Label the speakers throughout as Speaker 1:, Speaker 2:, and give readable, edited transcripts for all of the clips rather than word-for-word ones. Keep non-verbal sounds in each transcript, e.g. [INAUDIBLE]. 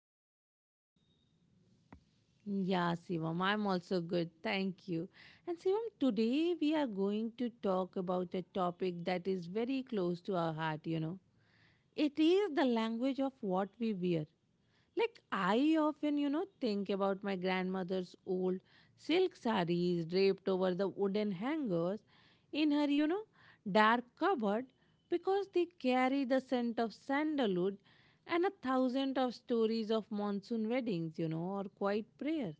Speaker 1: I am fine.
Speaker 2: Yeah, Shivam, I'm also good. Thank you. And Shivam, today we are going to talk about a topic that is very close to our heart. It is the language of what we wear. Like, I often think about my grandmother's old silk sarees draped over the wooden hangers in her dark cupboard because they carry the scent of sandalwood and a thousand of stories of monsoon weddings or quiet prayers.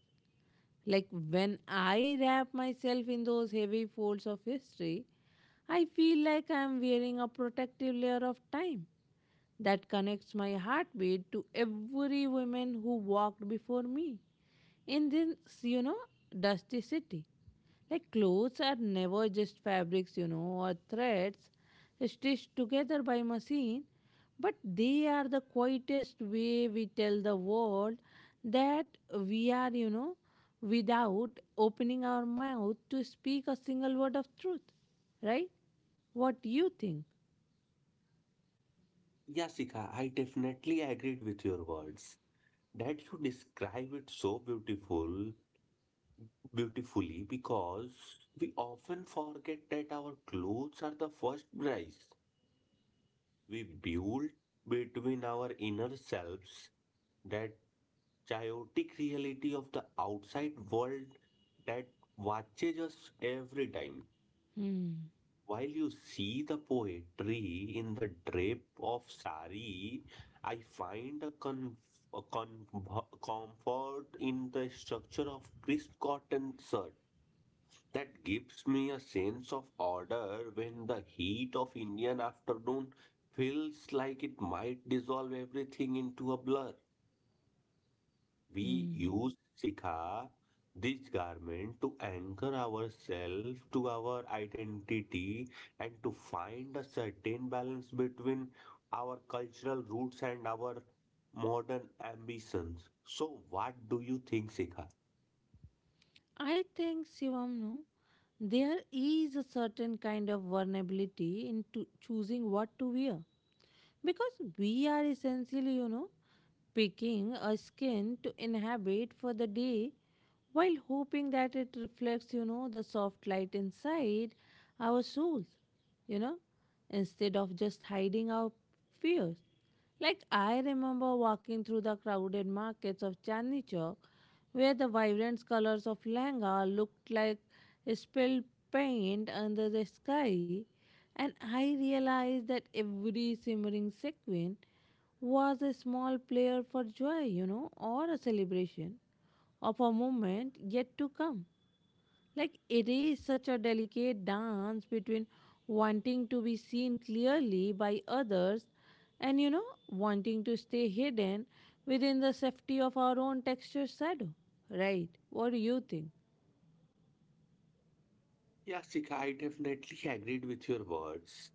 Speaker 2: Like, when I wrap myself in those heavy folds of history, I feel like I'm wearing a protective layer of time that connects my heartbeat to every woman who walked before me in this, you know, dusty city. Like clothes are never just fabrics or threads stitched together by machine, but they are the quietest way we tell the world that we are without opening our mouth to speak a single word of truth, right? What do you think?
Speaker 1: Yeah, Sika, I definitely agreed with your words that you describe it so beautifully because we often forget that our clothes are the first prize we build between our inner selves, that chaotic reality of the outside world that watches us every time.
Speaker 2: Hmm.
Speaker 1: While you see the poetry in the drape of sari, I find a comfort in the structure of crisp cotton shirt that gives me a sense of order when the heat of Indian afternoon feels like it might dissolve everything into a blur. We
Speaker 2: Hmm.
Speaker 1: use Sikha, this garment, to anchor ourselves to our identity and to find a certain balance between our cultural roots and our modern ambitions. So, what do you think, Sikha?
Speaker 2: I think Shivam, no, there is a certain kind of vulnerability in to choosing what to wear because we are essentially picking a skin to inhabit for the day while hoping that it reflects the soft light inside our souls, you know, instead of just hiding our fears. Like I remember walking through the crowded markets of Chandni Chowk, where the vibrant colors of Langa looked like spilled paint under the sky, and I realized that every simmering sequin was a small prayer for joy or a celebration of a moment yet to come. Like it is such a delicate dance between wanting to be seen clearly by others and wanting to stay hidden within the safety of our own texture shadow. Right? What do you think?
Speaker 1: Yeah, Sika, I definitely agreed with your words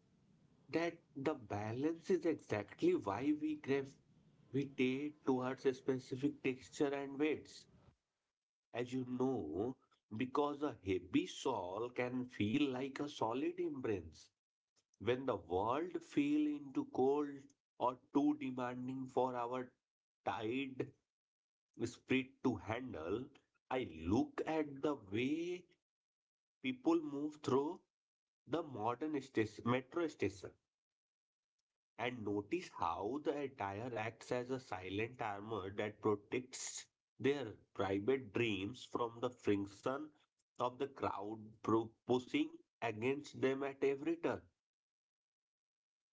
Speaker 1: that the balance is exactly why we gravitate towards a specific texture and weights, as you know, because a heavy shawl can feel like a solid embrace when the world fell into cold or too demanding for our tired spirit to handle. I look at the way people move through the modern station, metro station, and notice how the attire acts as a silent armor that protects their private dreams from the friction of the crowd pushing against them at every turn.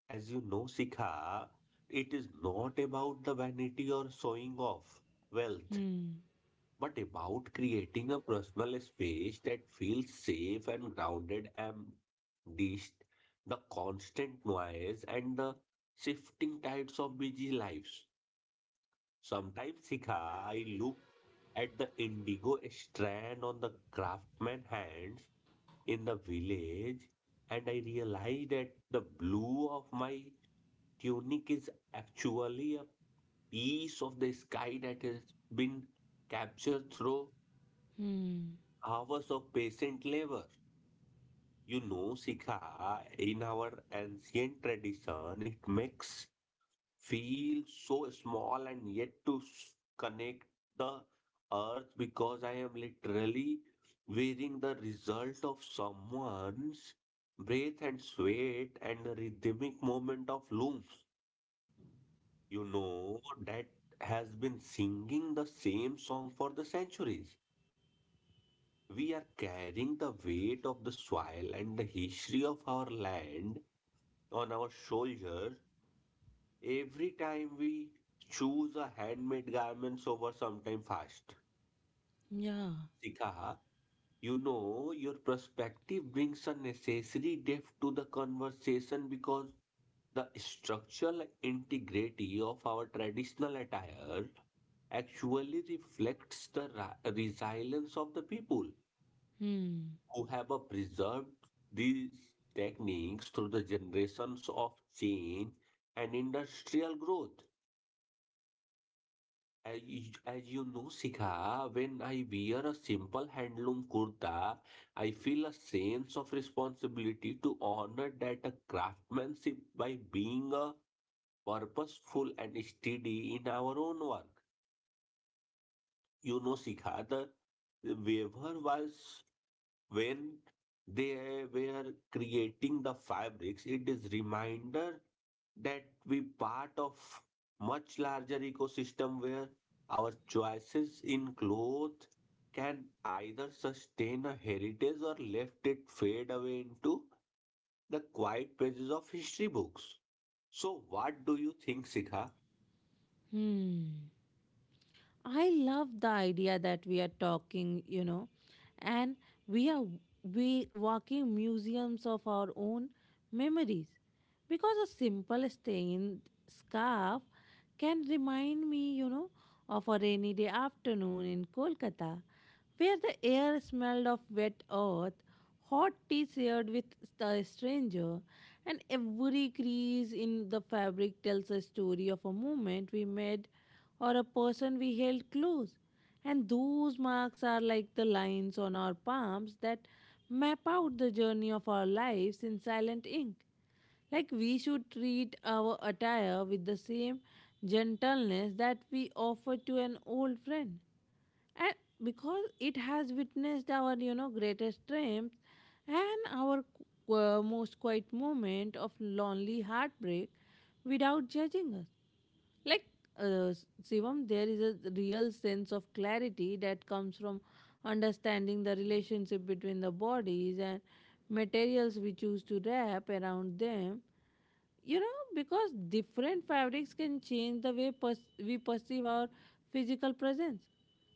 Speaker 1: As you know, Sikha, it is not about the vanity or showing off wealth,
Speaker 2: Hmm.
Speaker 1: but about creating a personal space that feels safe and grounded amidst the constant noise and the shifting tides of busy lives. Sometimes, Sikha, I look at the indigo strand on the craftsman hands in the village, and I realize that the blue of my tunic is actually a piece of the sky that has been captured through
Speaker 2: Hmm.
Speaker 1: hours of patient labor. You know, Sikha, in our ancient tradition, it makes feel so small and yet to connect the earth because I am literally wearing the result of someone's breath and sweat and the rhythmic movement of looms. You know, that has been singing the same song for the centuries. We are carrying the weight of the soil and the history of our land on our shoulders every time we choose a handmade garments over sometime fast.
Speaker 2: Yeah.
Speaker 1: Sika, you know, your perspective brings a necessary depth to the conversation because the structural integrity of our traditional attire actually reflects the resilience of the people
Speaker 2: Hmm.
Speaker 1: who have preserved these techniques through the generations of change and industrial growth. As you know, Sikha, when I wear a simple handloom kurta, I feel a sense of responsibility to honor that craftsmanship by being purposeful and steady in our own work. You know, Sikha, the weaver was when they were creating the fabrics, it is reminder that we part of much larger ecosystem where our choices in clothes can either sustain a heritage or left it fade away into the quiet pages of history books. So what do you think, Sikha?
Speaker 2: Hmm. I love the idea that we are talking and we are we walking museums of our own memories. Because a simple stained scarf can remind me of a rainy day afternoon in Kolkata, where the air smelled of wet earth, hot tea shared with the stranger, and every crease in the fabric tells a story of a moment we made or a person we held close. And those marks are like the lines on our palms that map out the journey of our lives in silent ink. Like we should treat our attire with the same gentleness that we offer to an old friend. And because it has witnessed our greatest strength and our most quiet moment of lonely heartbreak without judging us. Like uh, Shivam, there is a real sense of clarity that comes from understanding the relationship between the bodies and materials we choose to wrap around them because different fabrics can change the way we perceive our physical presence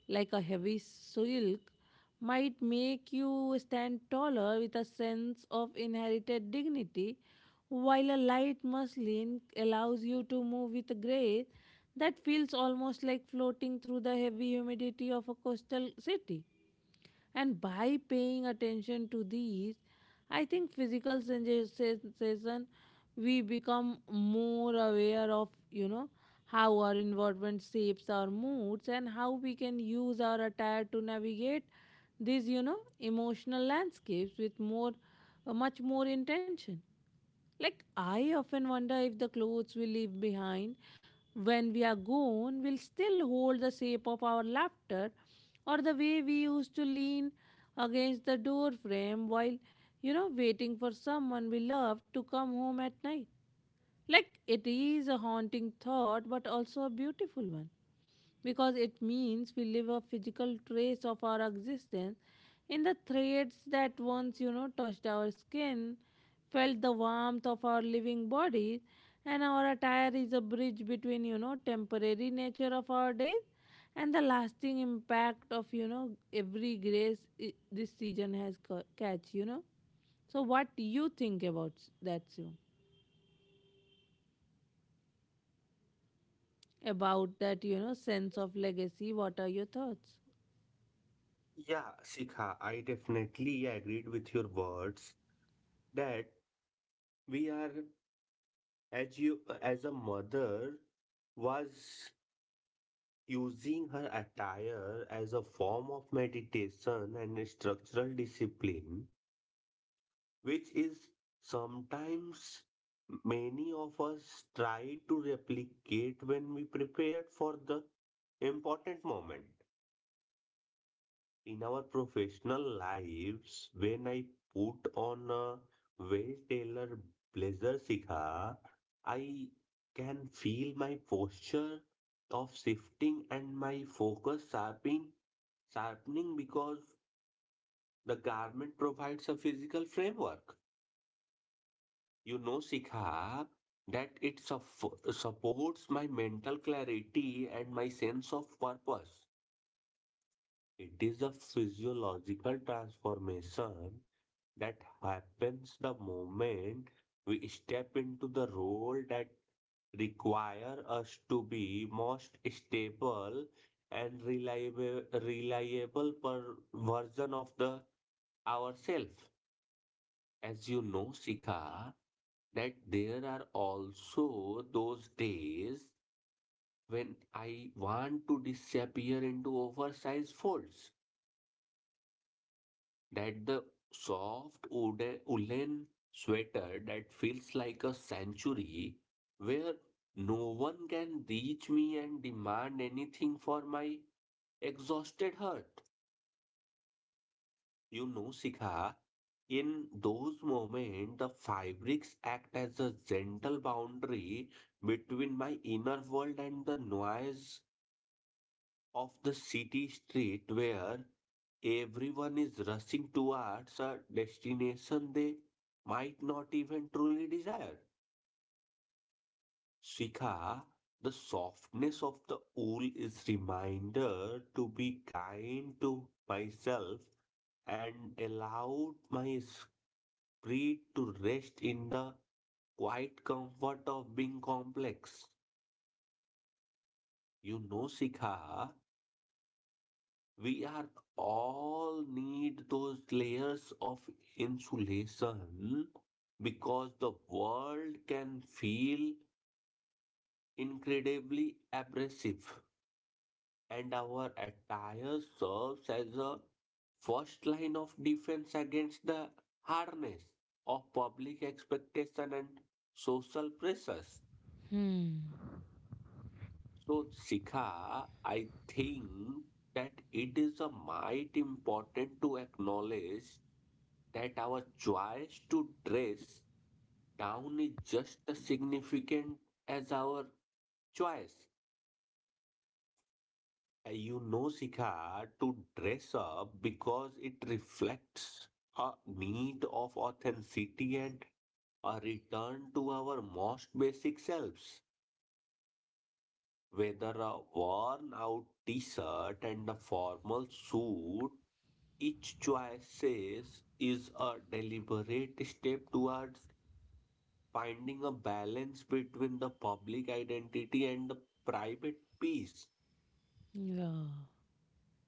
Speaker 2: like a heavy silk might make you stand taller with a sense of inherited dignity while a light muslin allows you to move with grace that feels almost like floating through the heavy humidity of a coastal city and by paying attention to these, I think physical sensation, we become more aware of how our environment shapes our moods and how we can use our attire to navigate these emotional landscapes with more, much more intention. Like, I often wonder if the clothes we leave behind when we are gone will still hold the shape of our laughter or the way we used to lean against the door frame while waiting for someone we loved to come home at night. Like it is a haunting thought, but also a beautiful one because it means we leave a physical trace of our existence in the threads that once touched our skin, felt the warmth of our living bodies, and our attire is a bridge between temporary nature of our days and the lasting impact of every grace this season has catch. So what do you think about that, Shivam? About that sense of legacy, what are your thoughts?
Speaker 1: Yeah, Sikha, I definitely agreed with your words that we are, as you as a mother was using her attire as a form of meditation and structural discipline, which is sometimes many of us try to replicate when we prepare for the important moment. In our professional lives, when I put on a well tailored blazer, Sikha, I can feel my posture of shifting and my focus sharpening because the garment provides a physical framework. You know, Sikha, that it supports my mental clarity and my sense of purpose. It is a physiological transformation that happens the moment we step into the role that require us to be most stable and reliable per version of the ourselves. As you know, Sika, that there are also those days when I want to disappear into oversized folds, that the soft woolen sweater that feels like a sanctuary where no one can reach me and demand anything for my exhausted heart. You know, Sikha, in those moments, the fabrics act as a gentle boundary between my inner world and the noise of the city street where everyone is rushing towards a destination they might not even truly desire. Shikha, the softness of the wool is reminder to be kind to myself and allowed my spirit to rest in the quiet comfort of being complex. You know, Shikha, we are all need those layers of insulation because the world can feel incredibly abrasive, and our attire serves as a first line of defense against the harness of public expectation and social pressures. So, Sika, I think that it is a might important to acknowledge that our choice to dress down is just as significant as our choice. You know, Sika, to dress up because it reflects a need of authenticity and a return to our most basic selves. Whether a worn out t shirt and a formal suit, each choice is a deliberate step towards finding a balance between the public identity and the private peace.
Speaker 2: Yeah.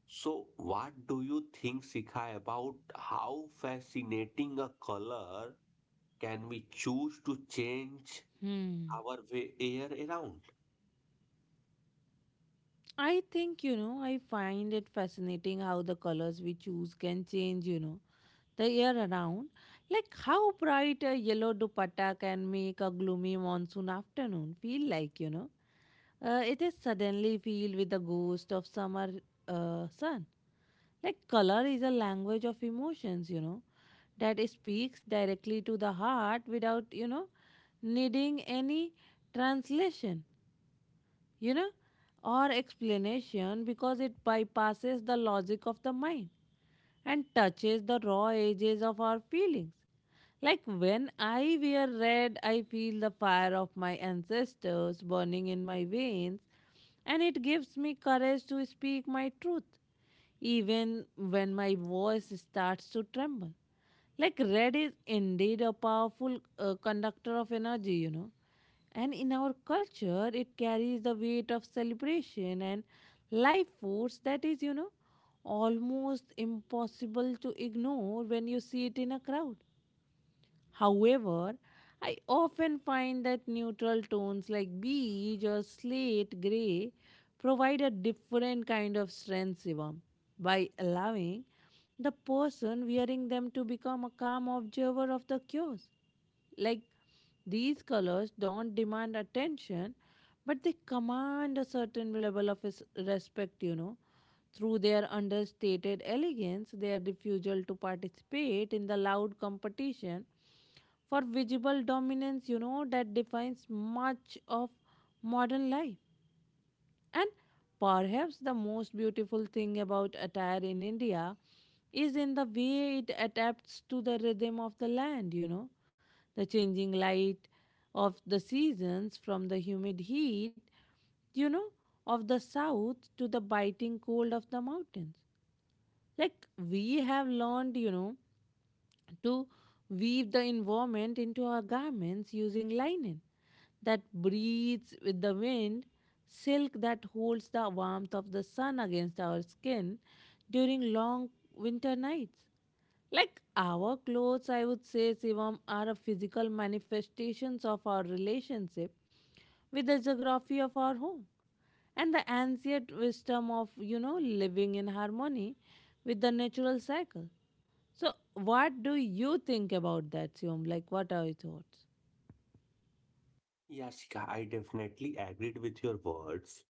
Speaker 1: So, what do you think, Sikha, about how fascinating a color can we choose to change
Speaker 2: hmm
Speaker 1: our way air around?
Speaker 2: I think I find it fascinating how the colors we choose can change the year around like how bright a yellow dupatta can make a gloomy monsoon afternoon feel like it is suddenly filled with the ghost of summer sun. Like color is a language of emotions that speaks directly to the heart without needing any translation, you know, or explanation because it bypasses the logic of the mind and touches the raw edges of our feelings. Like when I wear red, I feel the fire of my ancestors burning in my veins, and it gives me courage to speak my truth, even when my voice starts to tremble. Like red is indeed a powerful conductor of energy. And in our culture, it carries the weight of celebration and life force that is almost impossible to ignore when you see it in a crowd. However, I often find that neutral tones like beige or slate gray provide a different kind of strength serum by allowing the person wearing them to become a calm observer of the chaos. Like these colors don't demand attention, but they command a certain level of respect through their understated elegance, their refusal to participate in the loud competition for visible dominance that defines much of modern life. And perhaps the most beautiful thing about attire in India is in the way it adapts to the rhythm of the land the changing light of the seasons from the humid heat, you know, of the south to the biting cold of the mountains. Like we have learned to weave the environment into our garments using linen that breathes with the wind, silk that holds the warmth of the sun against our skin during long winter nights. Like our clothes, I would say, Sivam, are a physical manifestations of our relationship with the geography of our home and the ancient wisdom of living in harmony with the natural cycle. So, what do you think about that, Siom? Like, what are your thoughts?
Speaker 1: Yeah, Sikha, I definitely agreed with your words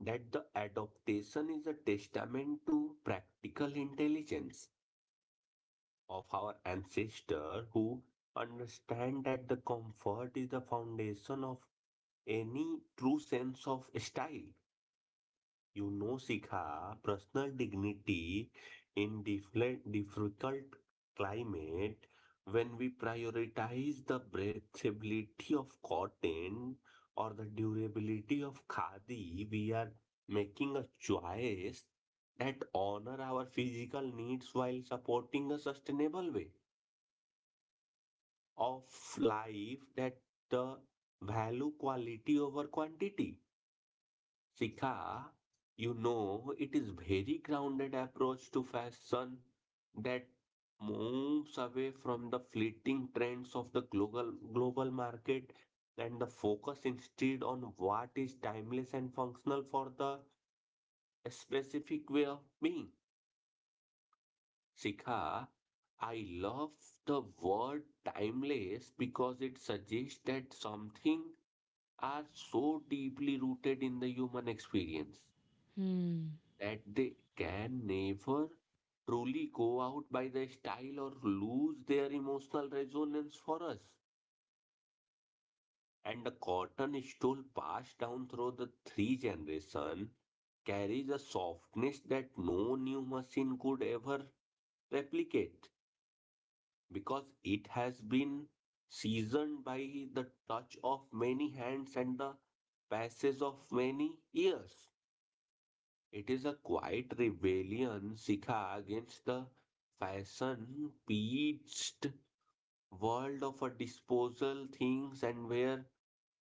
Speaker 1: that the adaptation is a testament to practical intelligence of our ancestors who understand that the comfort is the foundation of any true sense of style. You know, Sikha, personal dignity in difficult climate, when we prioritize the breathability of cotton or the durability of khadi, we are making a choice that honor our physical needs while supporting a sustainable way of life that uh, value quality over quantity. Sika, you know, it is very grounded approach to fashion that moves away from the fleeting trends of the global market and the focus instead on what is timeless and functional for the specific way of being. Sikha, I love the word timeless because it suggests that something are so deeply rooted in the human experience
Speaker 2: Hmm.
Speaker 1: that they can never truly go out by their style or lose their emotional resonance for us. And the cotton stole passed down through the three generations carries a softness that no new machine could ever replicate because it has been seasoned by the touch of many hands and the passage of many years. It is a quiet rebellion, Sika, against the fashion preached world of a disposal things, and where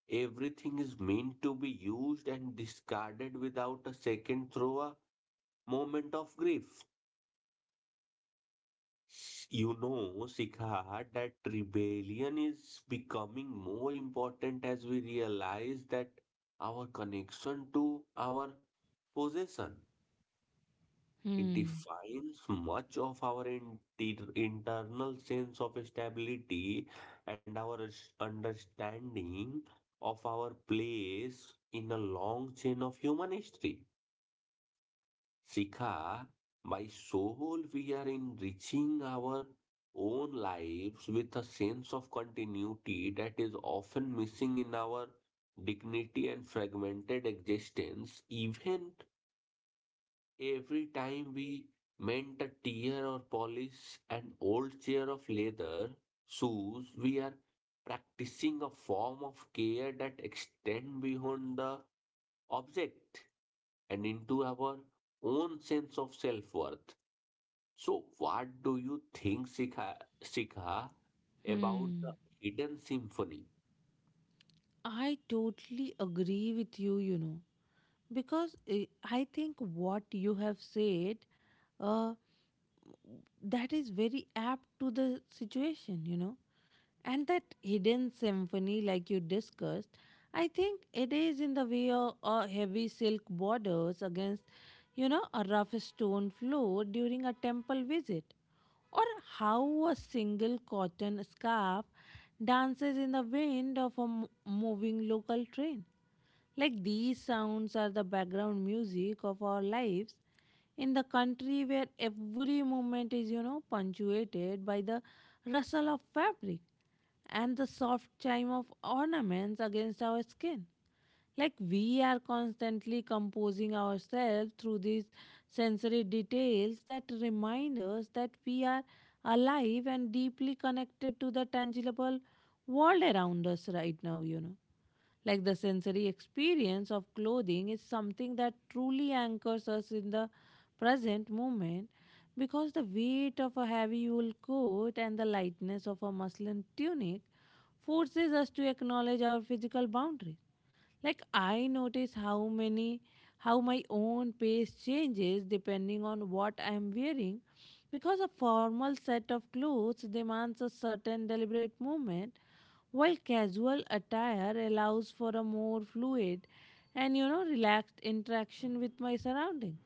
Speaker 1: everything is meant to be used and discarded without a second through a moment of grief. You know, Sika, that rebellion is becoming more important as we realize that our connection to our possession, it
Speaker 2: Hmm.
Speaker 1: defines much of our internal sense of stability and our understanding of our place in a long chain of human history. Sikha, by soul, we are enriching our own lives with a sense of continuity that is often missing in our dignity and fragmented existence. Even every time we mend a tear or polish an old chair of leather shoes, we are practicing a form of care that extends beyond the object and into our own sense of self worth. So, what do you think, Sikha, about
Speaker 2: Hmm.
Speaker 1: the hidden symphony?
Speaker 2: I totally agree with you because I think what you have said, uh, that is very apt to the situation. And that hidden symphony, like you discussed, I think it is in the way of heavy silk borders against a rough stone floor during a temple visit. Or how a single cotton scarf dances in the wind of a moving local train. Like these sounds are the background music of our lives in the country where every moment is punctuated by the rustle of fabric and the soft chime of ornaments against our skin. Like we are constantly composing ourselves through these sensory details that remind us that we are alive and deeply connected to the tangible world around us right now. Like the sensory experience of clothing is something that truly anchors us in the present moment because the weight of a heavy wool coat and the lightness of a muslin tunic forces us to acknowledge our physical boundaries like I notice how my own pace changes depending on what I am wearing because a formal set of clothes demands a certain deliberate movement while casual attire allows for a more fluid and relaxed interaction with my surroundings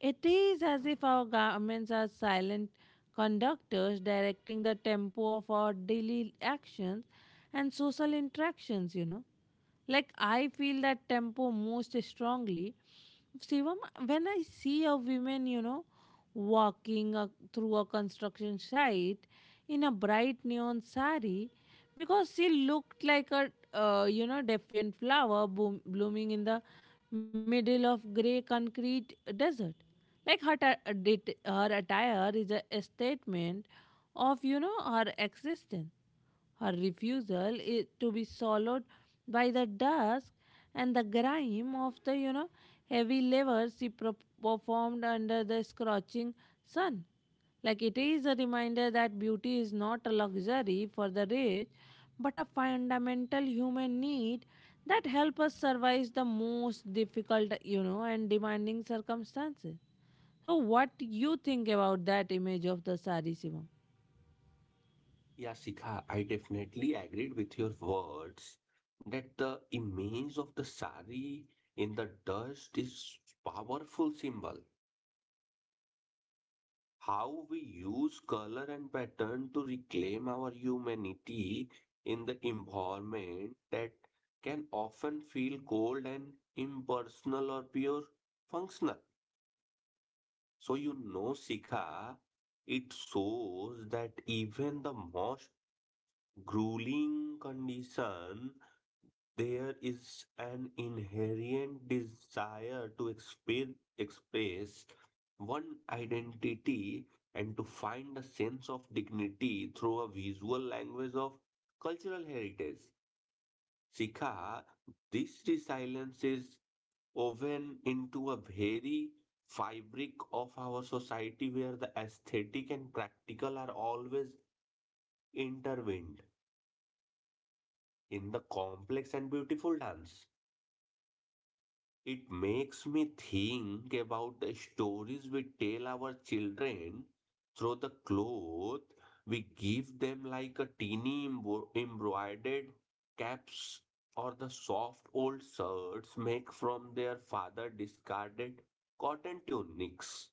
Speaker 2: it is as if our garments are silent conductors directing the tempo of our daily actions and social interactions. Like I feel that tempo most strongly. Shivam, when I see a woman walking through a construction site in a bright neon sari, because she looked like defiant flower boom, blooming in the middle of grey concrete desert. Like her, her attire is a statement of her existence. Her refusal is to be swallowed by the dusk and the grime of the heavy labor she performed under the scorching sun. Like it is a reminder that beauty is not a luxury for the rich, but a fundamental human need that help us survive the most difficult and demanding circumstances. So, what you think about that image of the sari, Shivam?
Speaker 1: Yeah, Sika, I definitely agreed with your words that the image of the sari in the dust is powerful symbol. How we use color and pattern to reclaim our humanity in the environment that can often feel cold and impersonal or pure functional. So you know, Sika, it shows that even the most grueling condition, there is an inherent desire to express one identity and to find a sense of dignity through a visual language of cultural heritage. Sikha, this resilience is woven into a very fabric of our society where the aesthetic and practical are always intertwined in the complex and beautiful dance. It makes me think about the stories we tell our children through the cloth we give them, like a teeny embroidered caps or the soft old shirts make from their father discarded cotton tunics.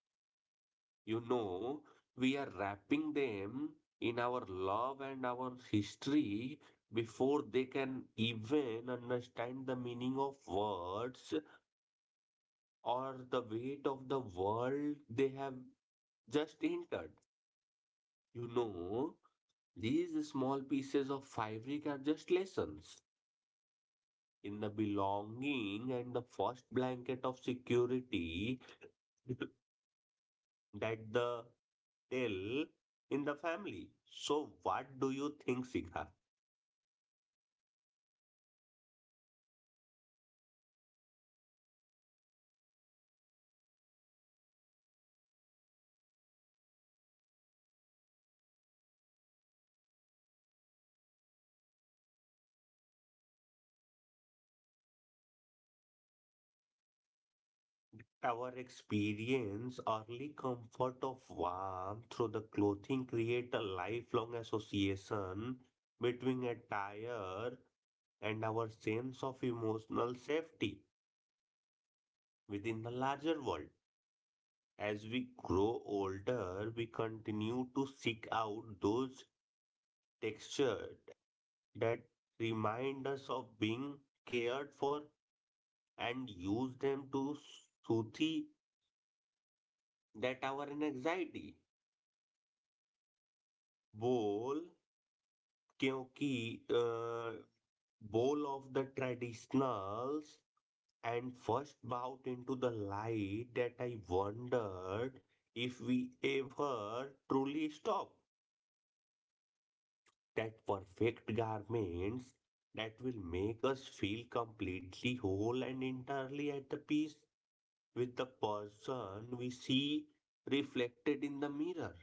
Speaker 1: You know, we are wrapping them in our love and our history before they can even understand the meaning of words or the weight of the world they have just entered. You know, these small pieces of fabric are just lessons in the belonging and the first blanket of security [LAUGHS] that the tell in the family. So, what do you think, Sigha? Our experience, early comfort of warmth through the clothing create a lifelong association between attire and our sense of emotional safety within the larger world. As we grow older, we continue to seek out those textures that remind us of being cared for and use them to soothe that our anxiety. Bowl क्योंकि bowl of the traditionals and first bout into the light that I wondered if we ever truly stop. That perfect garments that will make us feel completely whole and entirely at the peace with the person we see reflected in the mirror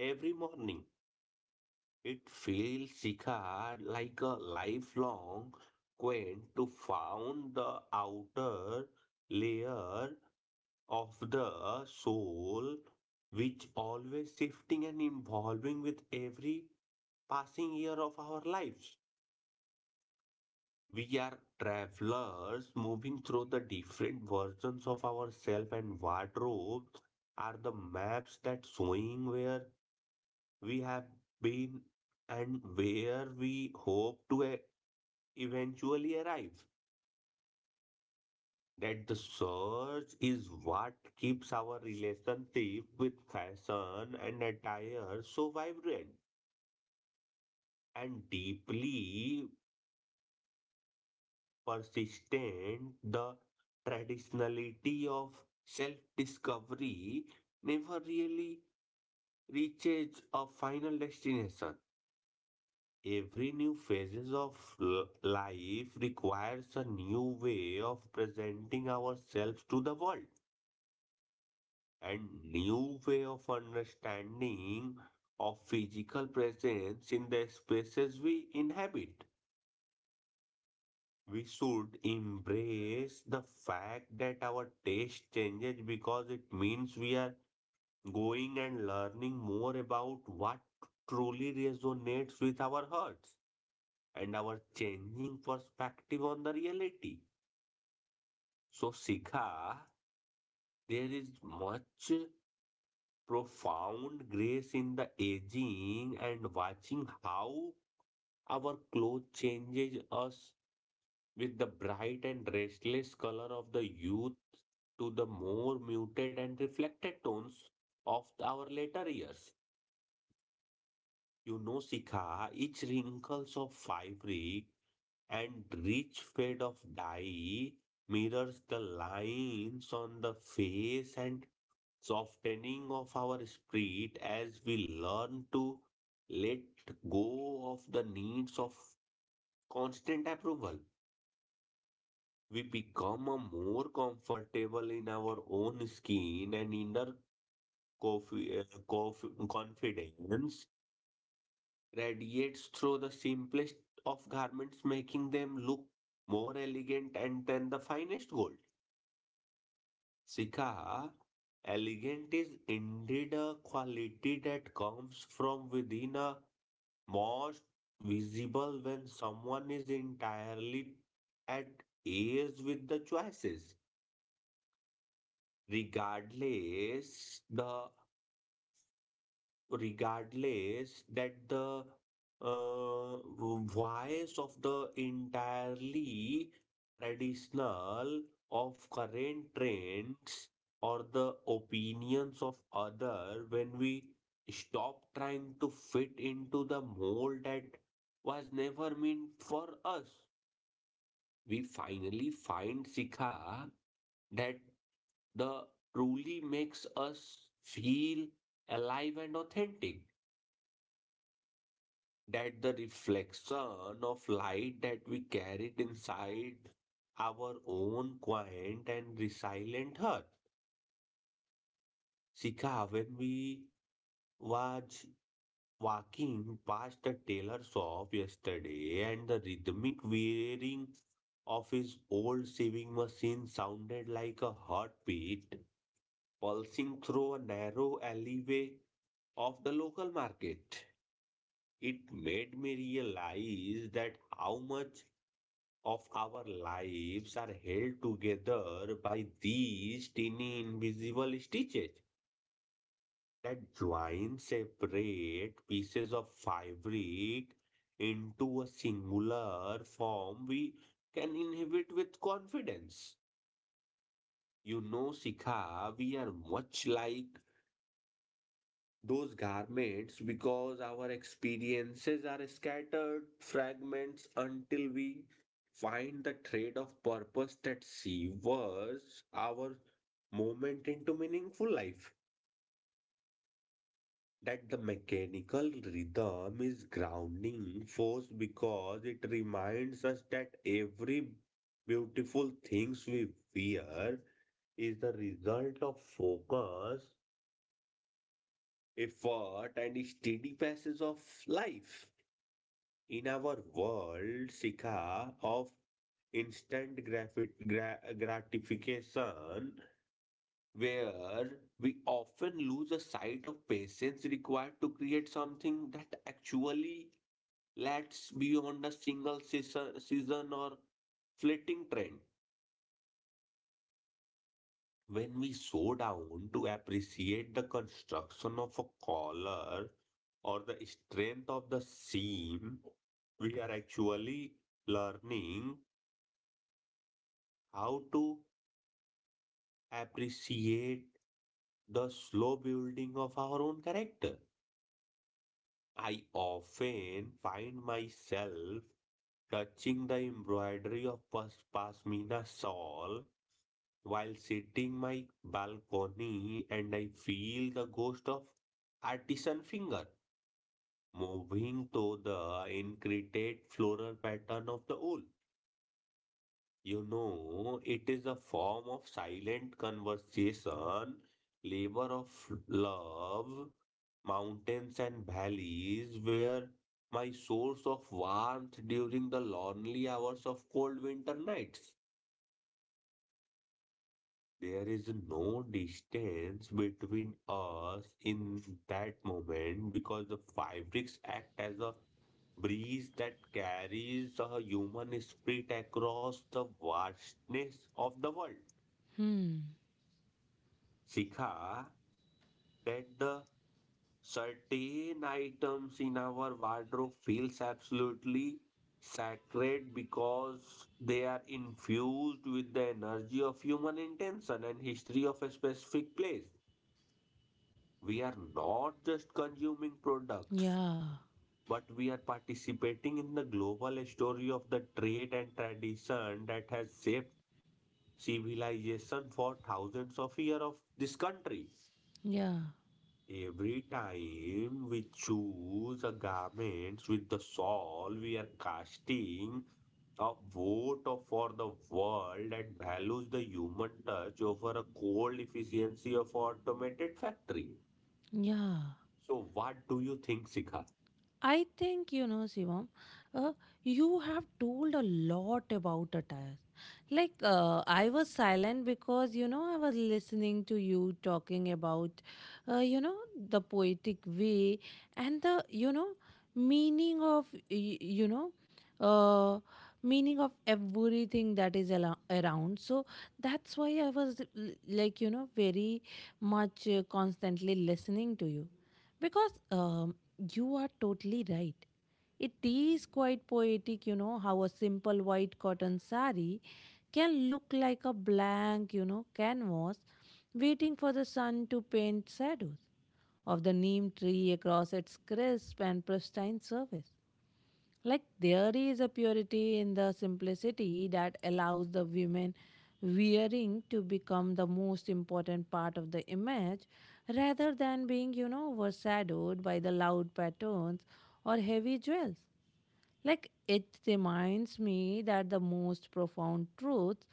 Speaker 1: every morning. It feels Shikhar like a lifelong quest to find the outer layer of the soul, which always shifting and evolving with every passing year of our lives. We are travelers moving through the different versions of ourselves, and wardrobes are the maps that showing where we have been and where we hope to eventually arrives that the search is what keeps our relationship with fashion and attire so vibrant and deeply persistent. The traditionality of self discovery never really reaches a final destination. Every new phases of life requires a new way of presenting ourselves to the world. And new way of understanding of physical presence in the spaces we inhabit. We should embrace the fact that our taste changes, because it means we are going and learning more about what truly resonates with our hearts and our changing perspective on the reality. So, Sikha, there is much profound grace in the aging and watching how our clothes changes us with the bright and restless color of the youth to the more muted and reflected tones of our later years. You know, Sikha, each wrinkles of fabric and rich fade of dye mirrors the lines on the face and softening of our spirit as we learn to let go of the needs of constant approval. We become a more comfortable in our own skin, and inner confi- uh, confidence radiates through the simplest of garments, making them look more elegant and than the finest gold. Sika, elegant is indeed a quality that comes from within, a most visible when someone is entirely at ease with the choices, regardless the regardless that the uh, voice of the entirely traditional of current trends or the opinions of other. When we stop trying to fit into the mold that was never meant for us, we finally find, Sikha, that the truly makes us feel alive and authentic, that the reflection of light that we carried inside our own quiet and resilient heart. Sika, when we was walking past the tailor shop yesterday and the rhythmic whirring of his old sewing machine sounded like a heartbeat pulsing through a narrow alleyway of the local market. It made me realize that how much of our lives are held together by these tiny invisible stitches that join separate pieces of fabric into a singular form we can inhabit with confidence. You know, Sikha, we are much like those garments, because our experiences are scattered fragments until we find the thread of purpose that severs our moment into meaningful life. That the mechanical rhythm is grounding force, because it reminds us that every beautiful things we wear is the result of focus, effort, and steady passes of life. In our world, Sika, of instant gratification, where we often lose a sight of patience required to create something that actually lasts beyond a single season, season or fleeting trend. When we slow down to appreciate the construction of a collar or the strength of the seam, we are actually learning how to appreciate the slow building of our own character. I often find myself touching the embroidery of pasmina shawl while sitting my balcony, and I feel the ghost of artisan finger moving through the intricate floral pattern of the wool. You know, it is a form of silent conversation, labor of love, mountains and valleys, where my source of warmth during the lonely hours of cold winter nights. There is no distance between us in that moment, because the fabrics act as a breeze that carries the human spirit across the vastness of the world.
Speaker 2: Hmm.
Speaker 1: Sikha, that the certain items in our wardrobe feels absolutely sacred, because they are infused with the energy of human intention and history of a specific place. We are not just consuming products,
Speaker 2: Yeah.
Speaker 1: but we are participating in the global story of the trade and tradition that has shaped civilization for thousands of years of this country.
Speaker 2: Yeah.
Speaker 1: Every time we choose a garment with the soul, we are casting a for the world that values the human touch over a cold efficiency of automated factory.
Speaker 2: Yeah.
Speaker 1: So, what do you think, Sika?
Speaker 2: I think, Shivam, uh, you have told a lot about attire. Like I was silent because I was listening to you talking about, the poetic way and the meaning of y- you know. Uh, Meaning of everything that is around so that's why I was like very much constantly listening to you because you are totally right. It is quite poetic how a simple white cotton sari can look like a blank canvas waiting for the sun to paint shadows of the neem tree across its crisp and pristine surface. Like there is a purity in the simplicity that allows the women wearing to become the most important part of the image rather than being overshadowed by the loud patterns or heavy jewels. Like it reminds me that the most profound truths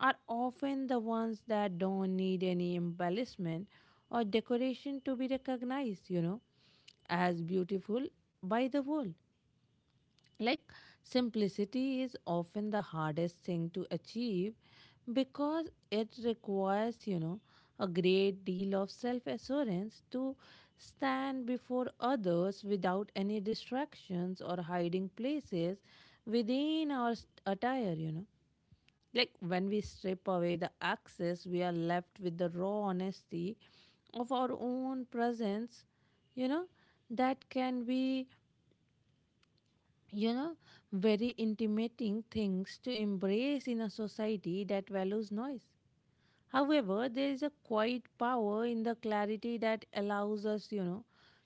Speaker 2: are often the ones that don't need any embellishment or decoration to be recognized as beautiful by the world. Like, simplicity is often the hardest thing to achieve because it requires a great deal of self assurance to stand before others without any distractions or hiding places within our attire. Like, when we strip away the access, we are left with the raw honesty of our own presence, you know, that can be you know, very intimating things to embrace in a society that values noise. However, there is a quiet power in the clarity that allows us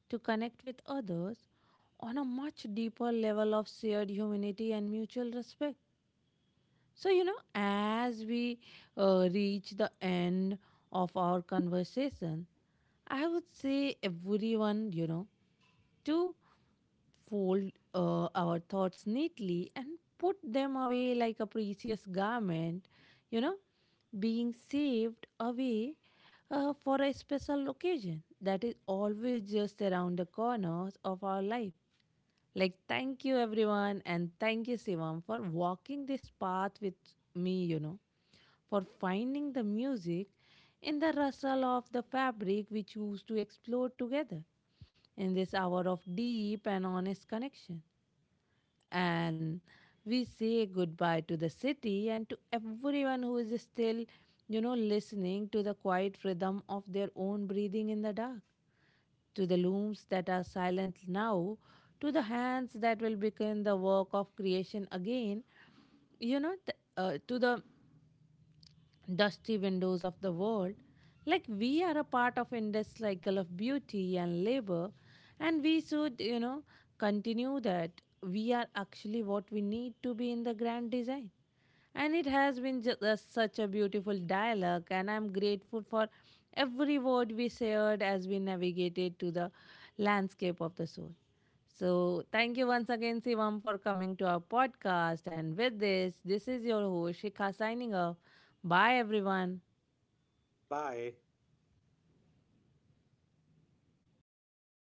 Speaker 2: to connect with others on a much deeper level of shared humanity and mutual respect. So as we reach the end of our conversation, I would say everyone to fold our thoughts neatly and put them away like a precious garment, you know, being saved away for a special occasion that is always just around the corners of our life. Like, thank you, everyone, and thank you, Sivam, for walking this path with me for finding the music in the rustle of the fabric we choose to explore together in this hour of deep and honest connection. And we say goodbye to the city and to everyone who is still listening to the quiet rhythm of their own breathing in the dark to the looms that are silent now, to the hands that will begin the work of creation again to the dusty windows of the world. Like we are a part of endless cycle of beauty and labor, and we should continue that. We are actually what we need to be in the grand design. And it has been such a beautiful dialogue, and I'm grateful for every word we shared as we navigated to the landscape of the soul. So, thank you once again, Sivam, for coming to our podcast. And with this, this is your host, Shikha, signing off. Bye, everyone.
Speaker 1: Bye.